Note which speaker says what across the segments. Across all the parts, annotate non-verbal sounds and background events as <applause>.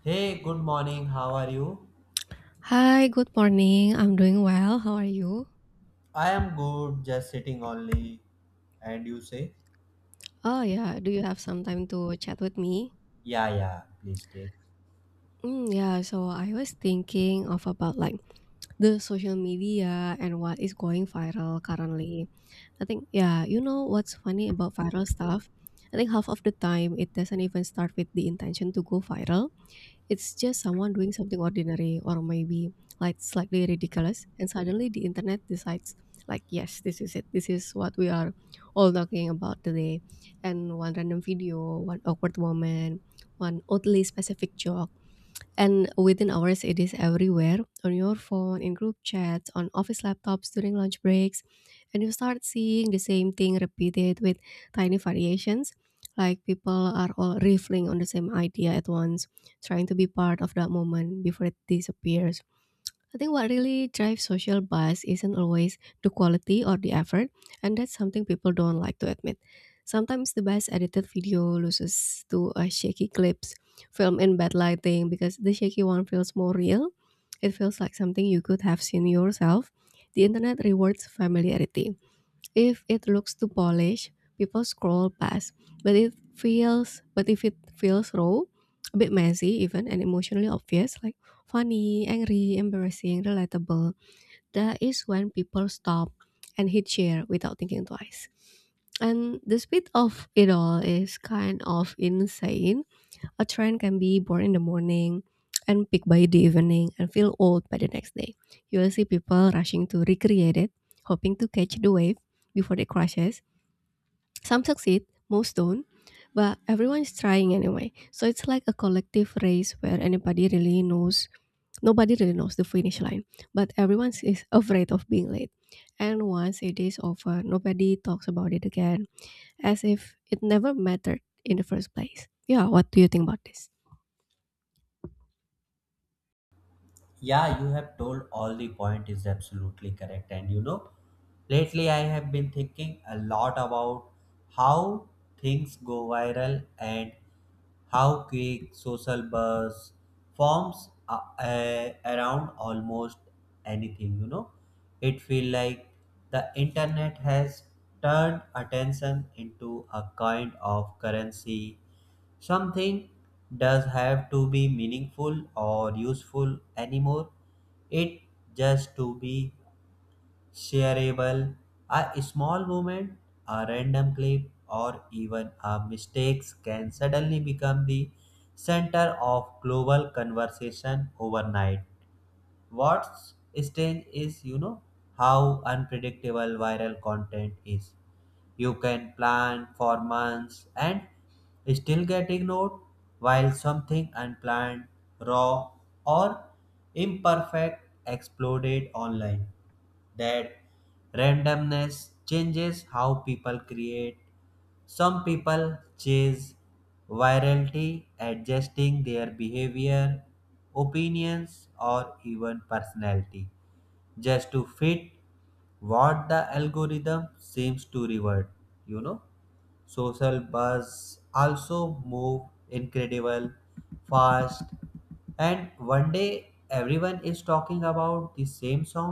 Speaker 1: Hey, good morning. How are you?
Speaker 2: Hi, good morning. I'm doing well. How are you?
Speaker 1: I am good, just sitting only. And you say,
Speaker 2: Oh yeah, do you have some time to chat with me?
Speaker 1: yeah, yeah, please take.
Speaker 2: Yeah, So I was thinking of about like the social media and what is going viral currently. I think, what's funny about viral stuff? I think half of the time it doesn't even start with the intention to go viral. It's just someone doing something ordinary or maybe like slightly ridiculous, and suddenly the internet decides, like, yes, this is it. This is what we are all talking about today. And one random video, one awkward moment, one oddly specific joke and within hours, it is everywhere on your phone, in group chats, on office laptops during lunch breaks. And you start seeing the same thing repeated with tiny variations. Like people are all riffling on the same idea at once, trying to be part of that moment before it disappears. I think what really drives social bias isn't always the quality or the effort, and that's something people don't like to admit. Sometimes the best edited video loses to a shaky clips, filmed in bad lighting, because the shaky one feels more real. It feels like something you could have seen yourself. The internet rewards familiarity. If it looks too polished, people scroll past. But if it feels raw, a bit messy even and emotionally obvious, like funny, angry, embarrassing, relatable, that is when people stop and hit share without thinking twice. And the speed of it all is kind of insane. A trend can be born in the morning and peak by the evening and feel old by the next day. You will see people rushing to recreate it, hoping to catch the wave before it crashes. Some succeed, most don't, but everyone is trying anyway. So it's like a collective race where anybody really knows nobody really knows the finish line, but everyone is afraid of being late. And once it is over, nobody talks about it again, as if it never mattered in the first place. Yeah, what do you think about this?
Speaker 1: Yeah, you have told all the point is absolutely correct. And you know, lately I have been thinking a lot about how things go viral and how quick social buzz forms around almost anything. You know, it feel like the internet has turned attention into a kind of currency. Something does have to be meaningful or useful anymore. It just to be shareable. A small moment, a random clip, or even a mistakes can suddenly become the center of global conversation overnight. What's strange is, you know, how unpredictable viral content is. You can plan for months and still get ignored, while something unplanned, raw, or imperfect exploded online. That randomness changes how people create. Some people chase virality, adjusting their behavior, opinions, or even personality just to fit what the algorithm seems to reward. You know, social buzz also move incredible fast, and one day everyone is talking about the same song,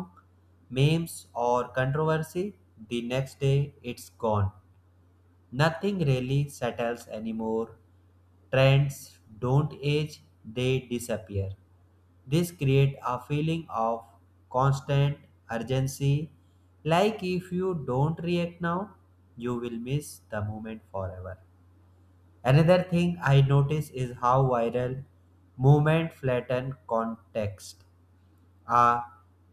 Speaker 1: memes, or controversy. The next day it's gone. Nothing really settles anymore. Trends don't age, they disappear. This creates a feeling of constant urgency, like if you don't react now, you will miss the moment forever. Another thing I notice is how viral movement flatten context. A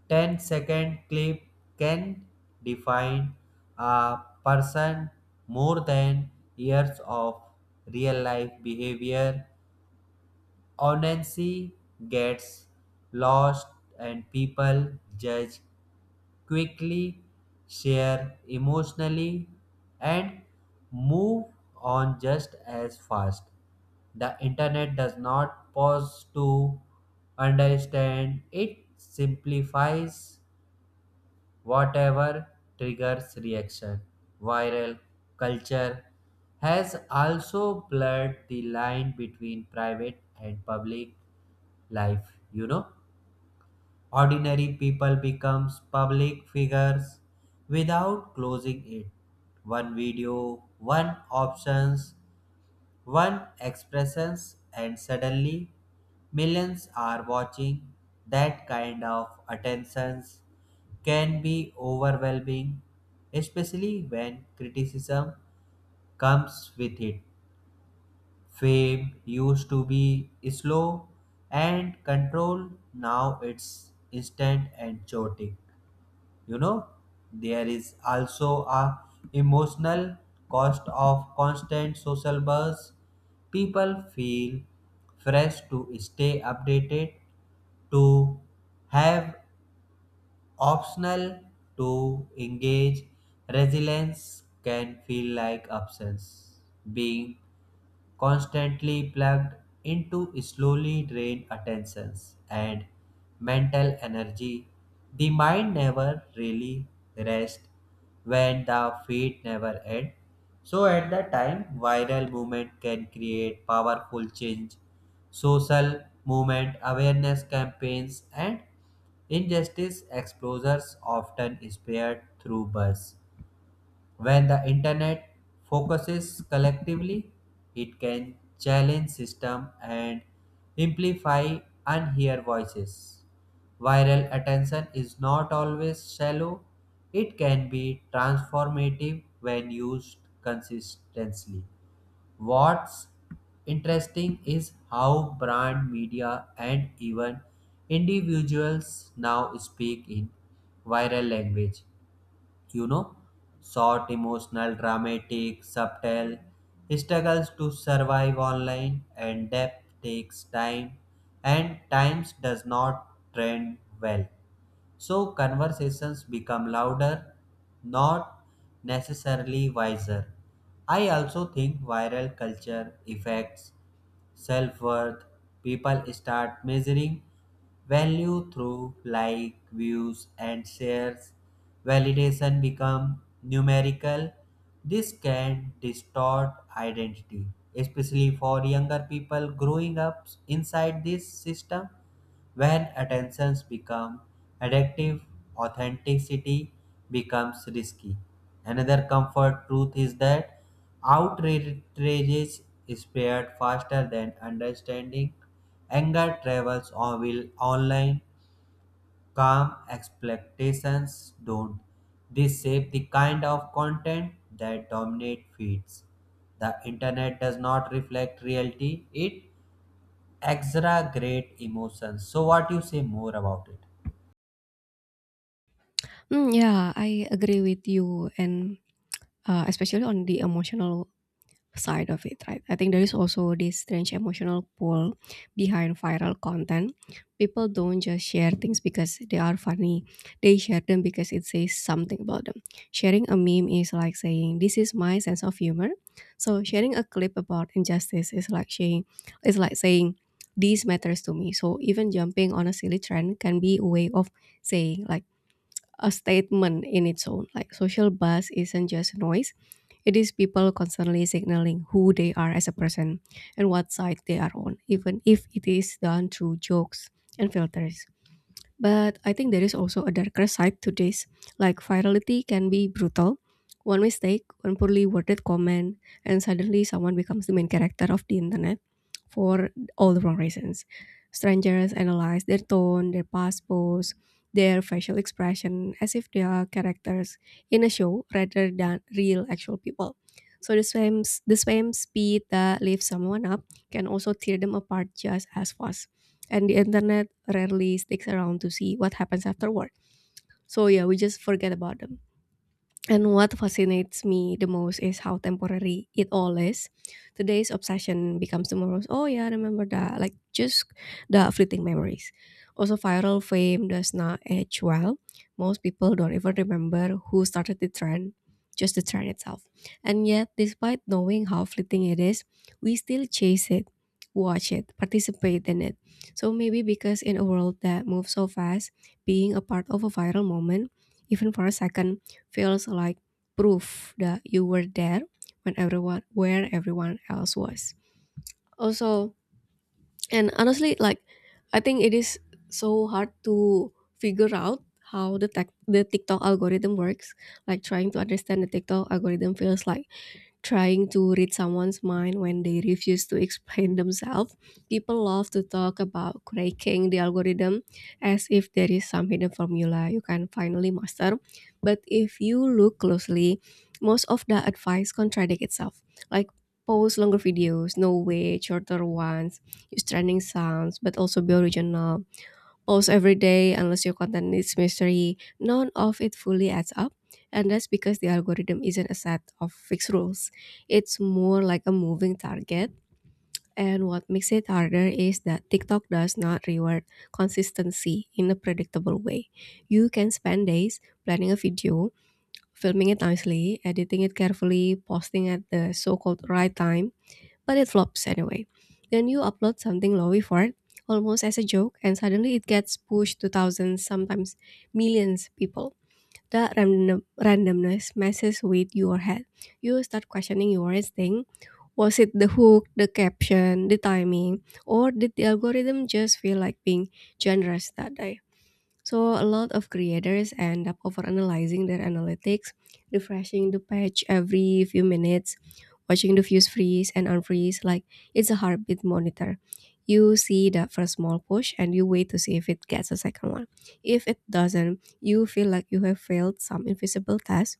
Speaker 1: 10-second clip can define a person more than years of real life behavior. Honesty gets lost, and people judge quickly, share emotionally, and move on just as fast. The internet does not pause to understand, it simplifies whatever triggers reaction. Viral culture has also blurred the line between private and public life. You know, ordinary people becomes public figures without closing it. One video, one options, one expressions, and suddenly millions are watching. That kind of attentions can be overwhelming, especially when criticism comes with it. Fame used to be slow and controlled, now it's instant and chaotic. You know, there is also a emotional cost of constant social buzz. People feel fresh to stay updated, to have optional, to engage. Resilience can feel like absence. Being constantly plugged into slowly drain attentions and mental energy. The mind never really rests when the feet never end. So at that time, viral movement can create powerful change. Social movement awareness campaigns and injustice exposures often spared through buzz. When the internet focuses collectively, it can challenge system and amplify unheard voices. Viral attention is not always shallow. It can be transformative when used consistently. What's interesting is how brand media and even individuals now speak in viral language. You know, short, emotional, dramatic, subtle. He struggles to survive online, and depth takes time, and times does not trend well. So conversations become louder, not necessarily wiser. I also think viral culture affects self worth. People start measuring value through like, views, and shares. Validation become numerical. This can distort identity, especially for younger people growing up inside this system. When attentions become addictive, authenticity becomes risky. Another comfort truth is that outrage is spread faster than understanding. Anger travels on will online. Calm expectations don't. This shape the kind of content that dominate feeds. The internet does not reflect reality, it exaggerate emotions. So, what you say more about it?
Speaker 2: Yeah, I agree with you and, especially on the emotional side of it, right? I think there is also this strange emotional pull behind viral content. People don't just share things because they are funny, they share them because it says something about them. Sharing a meme is like saying, "This is my sense of humor." So sharing a clip about injustice is like saying it's like saying this matters to me. So even jumping on a silly trend can be a way of saying, like, a statement in its own. Like social buzz isn't just noise. It is people constantly signaling who they are as a person and what side they are on, even if it is done through jokes and filters. But I think there is also a darker side to this. Like virality can be brutal. One mistake, one poorly worded comment, and suddenly someone becomes the main character of the internet for all the wrong reasons. Strangers analyze their tone, their past pose, their facial expression as if they are characters in a show rather than real actual people. So the same speed that lifts someone up can also tear them apart just as fast, and the internet rarely sticks around to see what happens afterward. So yeah, we just forget about them. And what fascinates me the most is how temporary it all is. Today's obsession becomes tomorrow's, "Oh yeah, remember that." Like just the fleeting memories. Also, viral fame does not age well. Most people don't even remember who started the trend, just the trend itself. And yet, despite knowing how fleeting it is, we still chase it, watch it, participate in it. So maybe because in a world that moves so fast, being a part of a viral moment, even for a second, feels like proof that you were there when everyone where everyone else was. Also, and honestly, like, I think it is so hard to figure out how the TikTok algorithm works. Like trying to understand the TikTok algorithm feels like trying to read someone's mind when they refuse to explain themselves. People love to talk about cracking the algorithm as if there is some hidden formula you can finally master. But if you look closely, most of the advice contradicts itself. Like post longer videos, no way, shorter ones, use trending sounds, but also be original, posts every day unless your content needs mystery, none of it fully adds up. And that's because the algorithm isn't a set of fixed rules. It's more like a moving target. And what makes it harder is that TikTok does not reward consistency in a predictable way. You can spend days planning a video, filming it nicely, editing it carefully, posting at the so called right time, but it flops anyway. Then you upload something low effort, almost as a joke, and suddenly it gets pushed to thousands, sometimes millions people. That randomness messes with your head. You start questioning your instinct. Was it the hook, the caption, the timing, or did the algorithm just feel like being generous that day? So a lot of creators end up overanalyzing their analytics, refreshing the page every few minutes, watching the views freeze and unfreeze like it's a heartbeat monitor. You see the first small push and you wait to see if it gets a second one. If it doesn't, you feel like you have failed some invisible test.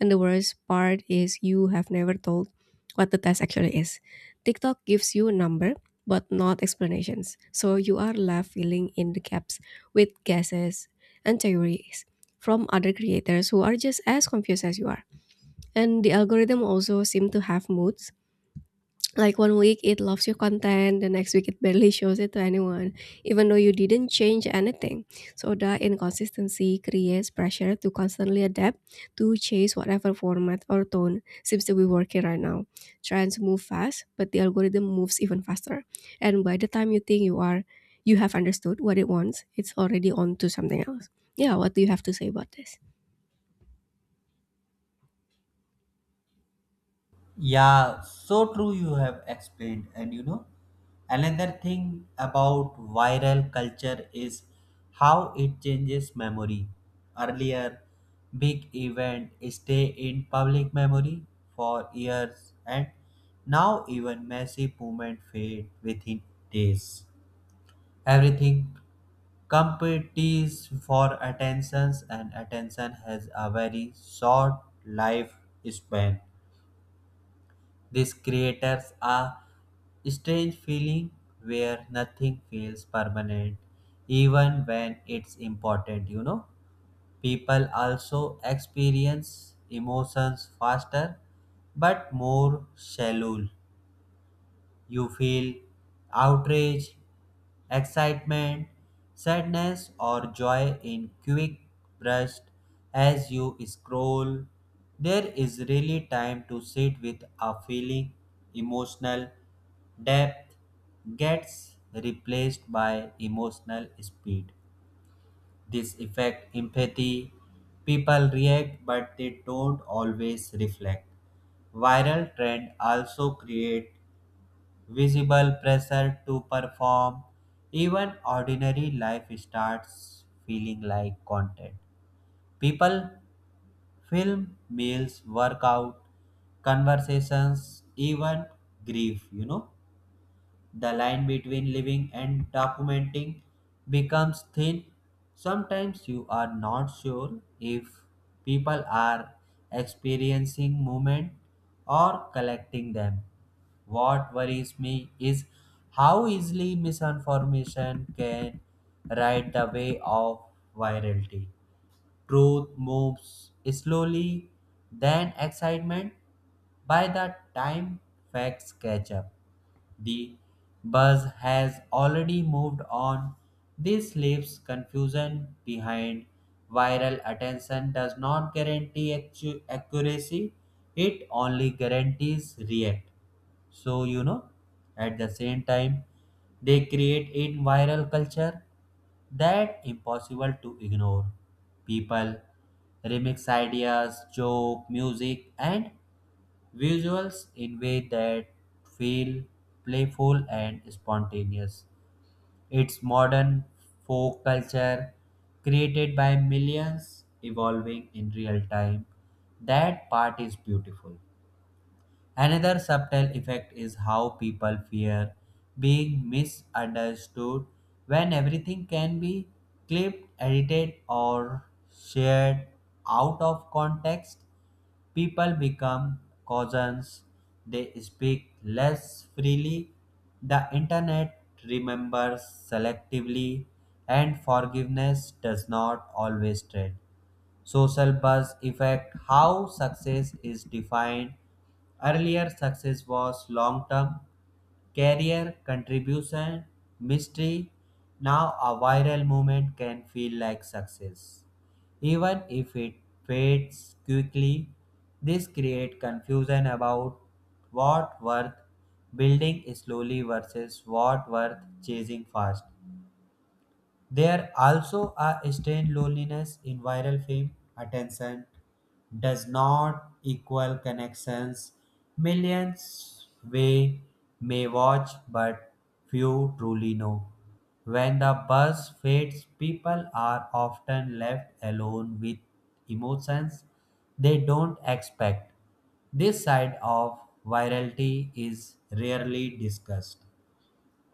Speaker 2: And the worst part is you have never told what the test actually is. TikTok gives you a number but not explanations. So you are left filling in the gaps with guesses and theories from other creators who are just as confused as you are. And the algorithm also seem to have moods. Like one week it loves your content, the next week it barely shows it to anyone, even though you didn't change anything. So that inconsistency creates pressure to constantly adapt, to chase whatever format or tone seems to be working right now. Trends move fast, but the algorithm moves even faster. And by the time you think you have understood what it wants, it's already on to something else. Yeah, what do you have to say about this?
Speaker 1: Yeah, so true. You have explained, and you know, another thing about viral culture is how it changes memory. Earlier, big event stay in public memory for years, and now even massive movement fade within days. Everything competes for attentions, and attention has a very short life span. This creates a strange feeling where nothing feels permanent even when it's important. You know, people also experience emotions faster but more shallow. You feel outrage, excitement, sadness, or joy in quick bursts as you scroll. There is really time to sit with a feeling. Emotional depth gets replaced by emotional speed. This affect empathy. People react, but they don't always reflect. Viral trend also create visible pressure to perform. Even ordinary life starts feeling like content. People film meals, workout, conversations, even grief, you know. The line between living and documenting becomes thin. Sometimes you are not sure if people are experiencing movement or collecting them. What worries me is how easily misinformation can ride the way of virality. Truth moves slowly, then excitement by the time facts catch up. The bus has already moved on. This leaves confusion behind. Viral attention does not guarantee accuracy, it only guarantees react. So you know, at the same time they create a viral culture that impossible to ignore. People remix ideas, joke, music, and visuals in way that feel playful and spontaneous. It's modern folk culture created by millions, evolving in real time. That part is beautiful. Another subtle effect is how people fear being misunderstood when everything can be clipped, edited, or shared out of context. People become cousins, they speak less freely. The internet remembers selectively, and forgiveness does not always trade social buzz effect, how success is defined. Earlier success was long term, career contribution, mystery. Now a viral moment can feel like success. Even if it fades quickly, this creates confusion about what worth building slowly versus what worth chasing fast. There also a strange loneliness in viral fame. Attention does not equal connections. Millions we may watch, but few truly know. When the buzz fades, people are often left alone with emotions they don't expect. This side of virality is rarely discussed.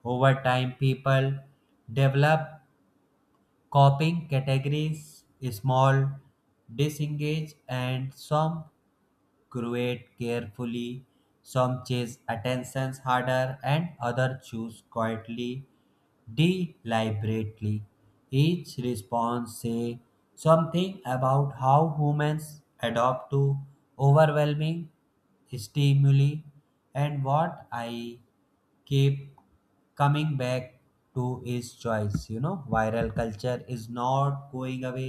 Speaker 1: Over time, people develop copying categories, small, disengage, and some create carefully, some chase attentions harder, and other choose quietly, deliberately. Each response say something about how humans adapt to overwhelming stimuli, and what I keep coming back to is choice. You know, viral culture is not going away.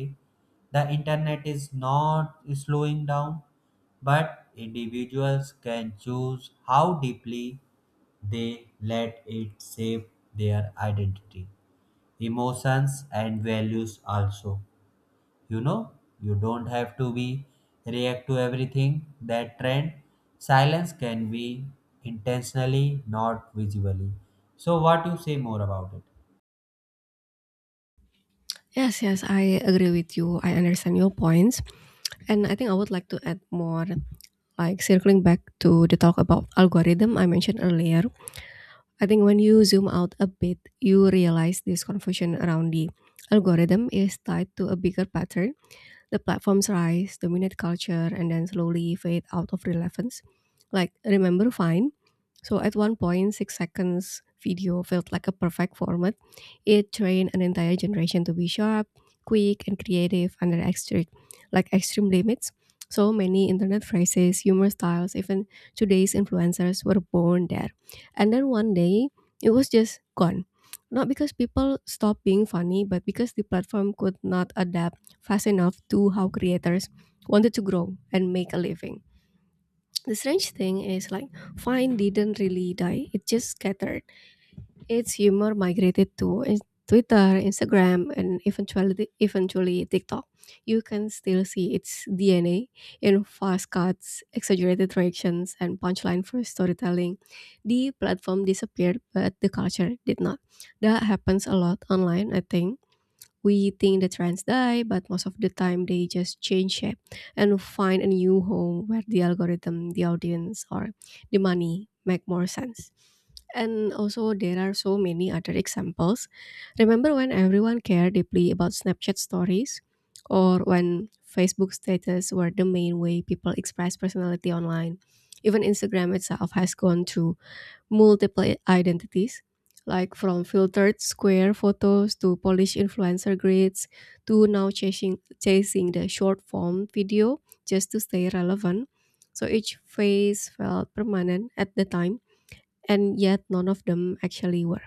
Speaker 1: The internet is not slowing down, but individuals can choose how deeply they let it shape their identity, emotions, and values. Also, you know, you don't have to be react to everything that trend. Silence can be intentionally not visibly. So what you say more about it?
Speaker 2: Yes, I agree with you. I understand your points. And I think I would like to add more, like circling back to the talk about algorithm I mentioned earlier. I think when you zoom out a bit, you realize this confusion around the algorithm is tied to a bigger pattern: the platforms rise, dominate culture, and then slowly fade out of relevance. Like, remember Vine? So at one point, 6 seconds video felt like a perfect format. It trained an entire generation to be sharp, quick, and creative under extreme limits. So many internet phrases, humor styles, even today's influencers were born there. And then one day, it was just gone. Not because people stopped being funny, but because the platform could not adapt fast enough to how creators wanted to grow and make a living. The strange thing is, like, Vine didn't really die, it just scattered. Its humor migrated to Twitter, Instagram, and eventually TikTok. You can still see its DNA in fast cuts, exaggerated reactions, and punchline for storytelling. The platform disappeared, but the culture did not. That happens a lot online. I think we think the trends die, but most of the time they just change shape and find a new home where the algorithm, the audience, or the money make more sense. And also, there are so many other examples. Remember when everyone cared deeply about Snapchat stories, or when Facebook status were the main way people express personality online? Even Instagram itself has gone through multiple identities, like from filtered square photos to Polish influencer grids to now chasing the short form video just to stay relevant. So each phase felt permanent at the time, and yet none of them actually were.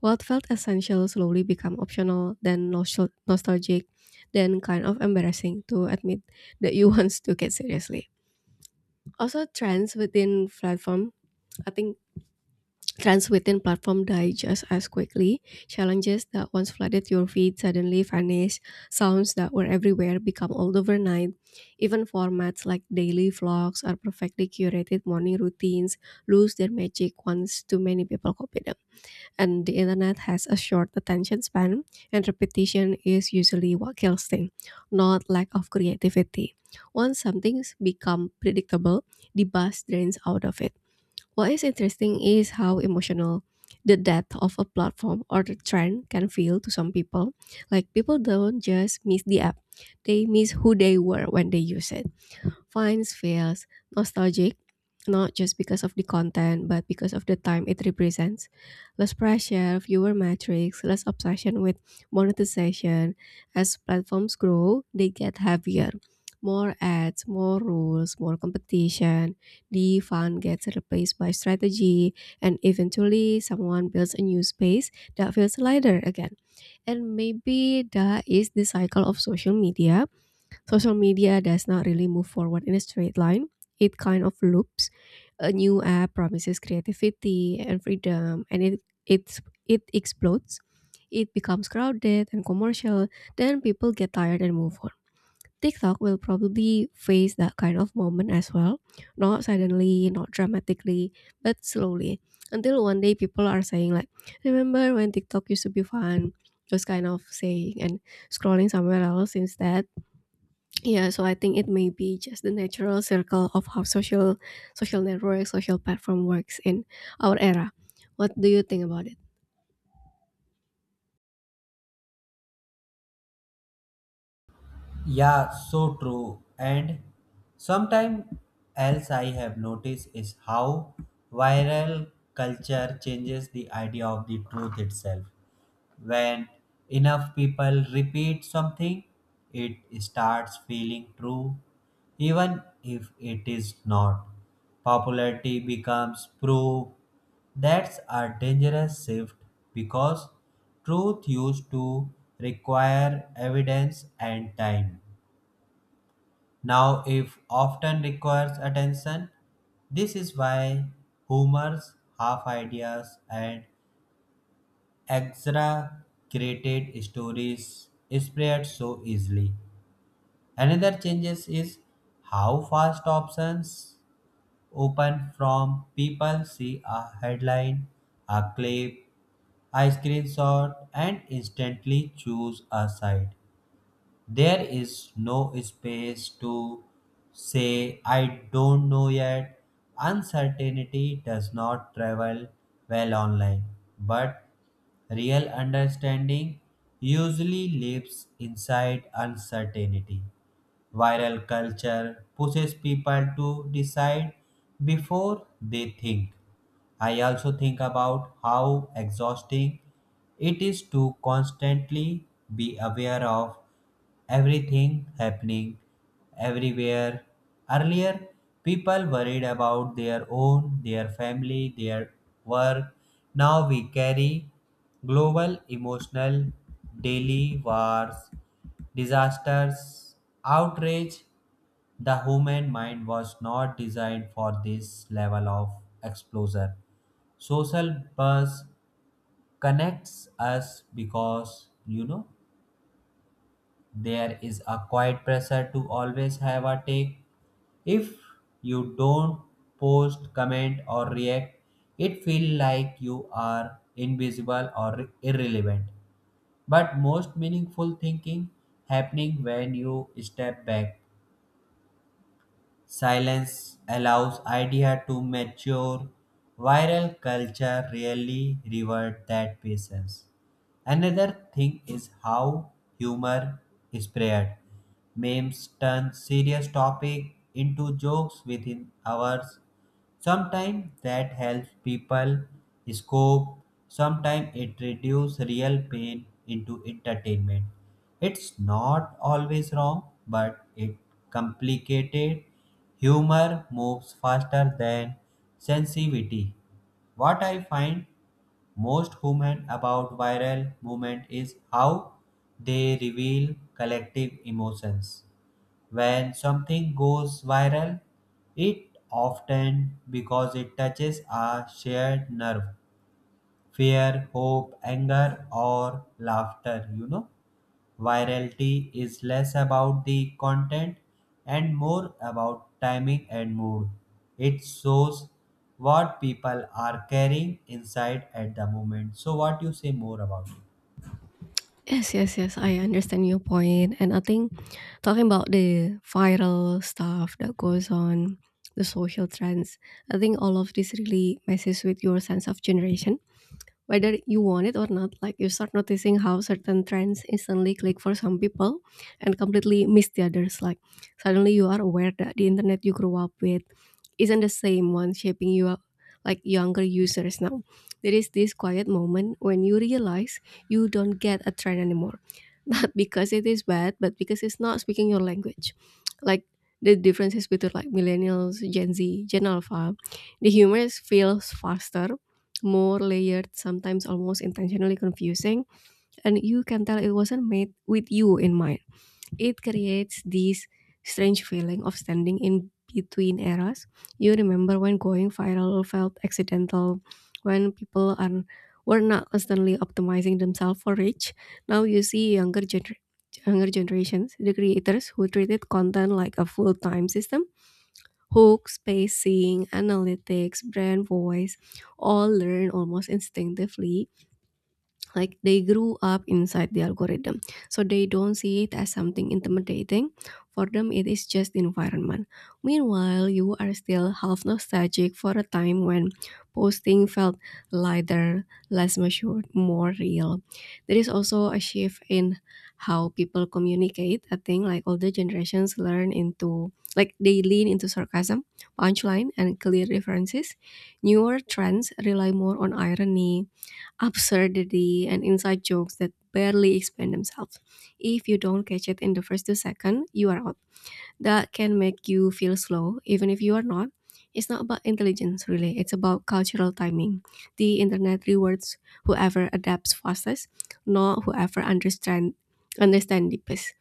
Speaker 2: What felt essential slowly became optional, then nostalgic, then kind of embarrassing to admit that you <laughs> once took it seriously. Also, trends within platform. I think Trends within platform die just as quickly. Challenges that once flooded your feed suddenly vanish. Sounds that were everywhere become old overnight. Even formats like daily vlogs or perfectly curated morning routines lose their magic once too many people copy them. And the internet has a short attention span, and repetition is usually what kills things, not lack of creativity. Once something's become predictable, the buzz drains out of it. What is interesting is how emotional the depth of a platform or the trend can feel to some people. Like people don't just miss the app, they miss who they were when they use it finds feels nostalgic, not just because of the content, but because of the time it represents. Less pressure, fewer metrics, less obsession with monetization. As platforms grow, they get heavier. More ads, more rules, more competition. The fun gets replaced by strategy, and eventually, someone builds a new space that feels lighter again. And maybe that is the cycle of social media. Social media does not really move forward in a straight line. It kind of loops. A new app promises creativity and freedom, and it it explodes. It becomes crowded and commercial. Then people get tired and move on. TikTok will probably face that kind of moment as well. Not suddenly, not dramatically, but slowly. Until one day people are saying like, remember when TikTok used to be fun? Those kind of saying and scrolling somewhere else instead. Yeah, so I think it may be just the natural circle of how social network, social platform works in our era. What do you think about it?
Speaker 1: Yeah, so true. And sometime else I have noticed is how viral culture changes the idea of the truth itself. When enough people repeat something, it starts feeling true, even if it is not. Popularity becomes proof. That's a dangerous shift because truth used to require evidence and time. Now, if often requires attention. This is why humors, half ideas, and exaggerated stories spread so easily. Another changes is how fast options open from people see a headline, a clip, a screenshot, and instantly choose a side. There is no space to say, I don't know yet. Uncertainty does not travel well online, but real understanding usually lives inside uncertainty. Viral culture pushes people to decide before they think. I also think about how exhausting it is to constantly be aware of everything happening everywhere. Earlier, people worried about their own, their family, their work. Now we carry global emotional daily wars, disasters, outrage. The human mind was not designed for this level of exposure. Social buzz connects us because, you know, there is a quiet pressure to always have a take. If you don't post, comment, or react, it feels like you are invisible or irrelevant. But most meaningful thinking happening when you step back. Silence allows idea to mature. Viral culture rarely reward that patience. Another thing is how humor is spread. Memes turn serious topic into jokes within hours. Sometimes that helps people scope, sometimes it reduces real pain into entertainment. It's not always wrong, but it complicated. Humor moves faster than sensitivity. What I find most human about viral movement is how they reveal collective emotions. When something goes viral, it often because it touches a shared nerve, fear, hope, anger, or laughter. You know, virality is less about the content and more about timing and mood. It shows what people are carrying inside at the moment. So, what you say more about it?
Speaker 2: Yes, yes, yes. I understand your point, and I think talking about the viral stuff that goes on, the social trends. I think all of this really messes with your sense of generation whether you want it or not, like you start noticing how certain trends instantly click for some people and completely miss the others. Like suddenly you are aware that the internet you grew up with isn't the same one shaping you up like younger users now. There is this quiet moment when you realize you don't get a trend anymore, not <laughs> because it is bad, but because it's not speaking your language. Like the differences between like millennials, Gen Z, Gen Alpha, the feels faster, more layered, sometimes almost intentionally confusing, and you can tell it wasn't made with you in mind. It creates this strange feeling of standing in between eras. You remember when going viral felt accidental, when people are were not constantly optimizing themselves for reach. Now you see younger generations, the creators who treated content like a full-time system. Hook, spacing, analytics, brand voice, all learn almost instinctively, like they grew up inside the algorithm, so they don't see it as something intimidating. For them it is just the environment. Meanwhile you are still half nostalgic for a time when posting felt lighter, less measured, more real. There is also a shift in how people communicate, I think. Like older generations learn into like they lean into sarcasm, punchline and clear references. Newer trends rely more on irony, absurdity and inside jokes that barely explain themselves. If you don't catch it in the first 2 seconds, you are out. That can make you feel slow, even if you are not. It's not about intelligence, really. It's about cultural timing. The internet rewards whoever adapts fastest, not whoever understand deepest.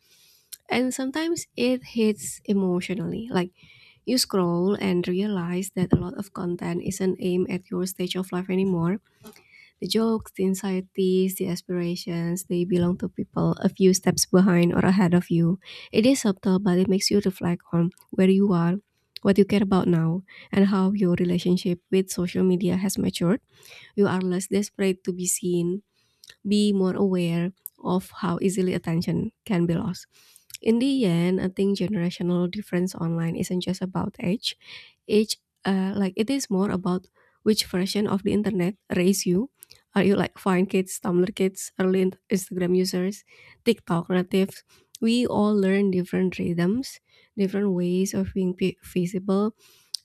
Speaker 2: And sometimes it hits emotionally. Like you scroll and realize that a lot of content isn't aimed at your stage of life anymore. The jokes, the anxieties, the aspirations, they belong to people a few steps behind or ahead of you. It is subtle, but it makes you reflect on where you are, what you care about now, and how your relationship with social media has matured. You are less desperate to be seen, be more aware of how easily attention can be lost. In the end, I think generational difference online isn't just about age. Age, like it is more about which version of the internet raised you. Are you like Vine kids, Tumblr kids, Instagram users, TikTok natives? We all learn different rhythms, different ways of visible,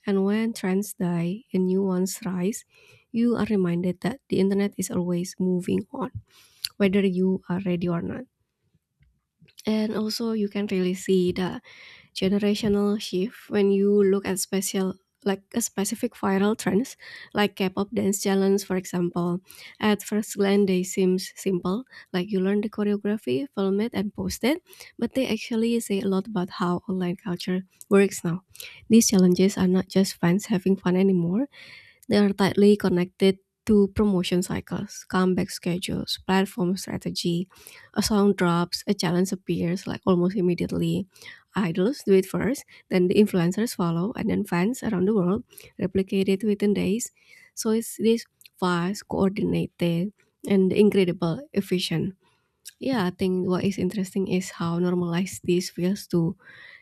Speaker 2: and when trends die and new ones rise, you are reminded that the internet is always moving on whether you are ready or not. And also, you can really see the generational shift when you look at special like a specific viral trends, like K-pop dance challenge for example. At first glance they seems simple, like you learn the choreography, film it and post it, but they actually say a lot about how online culture works now. These challenges are not just fans having fun anymore, they are tightly connected to promotion cycles, comeback schedules, platform strategy. A song drops, a challenge appears like almost immediately. Idols do it first, then the influencers follow, and then fans around the world replicate it within days. So it's this fast, coordinated, and incredible efficient. Yeah, I think what is interesting is how normalized this feels to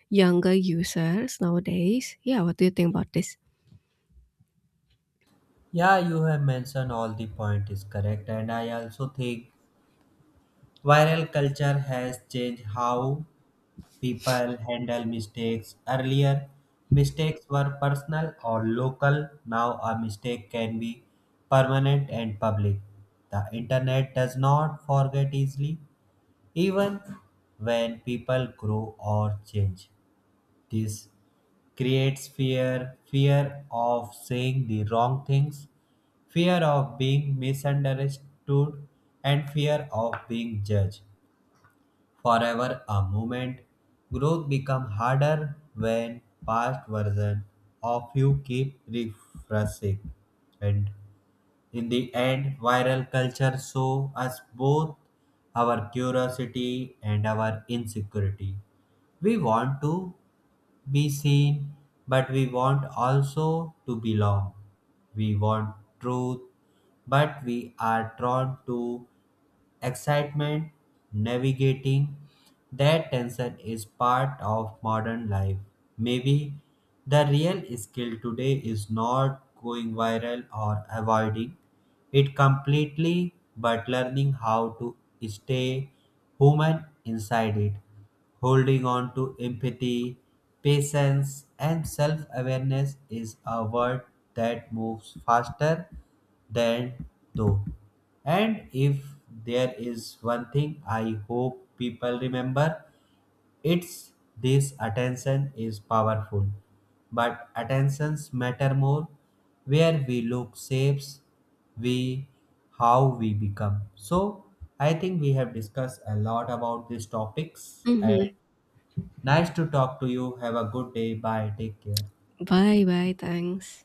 Speaker 2: younger users nowadays. Yeah, what do you think about this?
Speaker 1: Yeah, you have mentioned all the point is correct, and I also think viral culture has changed how people handle mistakes. Earlier, mistakes were personal or local. Now, a mistake can be permanent and public. The internet does not forget easily, even when people grow or change. This creates fear, fear of saying the wrong things, fear of being misunderstood, and fear of being judged forever a moment. Growth become harder when past version of you keep refreshing. And in the end, viral culture show us both our curiosity and our insecurity. We want to be seen, but we want also to belong. We want truth, but we are drawn to excitement, navigating that tension is part of modern life. Maybe the real skill today is not going viral or avoiding it completely, but learning how to stay human inside it. Holding on to empathy, patience, and self awareness is a world that moves faster than though. And if there is one thing I hope people remember, it's this, attention is powerful. But attentions matter more. Where we look shapes we how we become. So I think we have discussed a lot about these topics and
Speaker 2: Mm-hmm.
Speaker 1: nice to talk to you. Have a good day. Bye. Take care.
Speaker 2: Bye bye, thanks.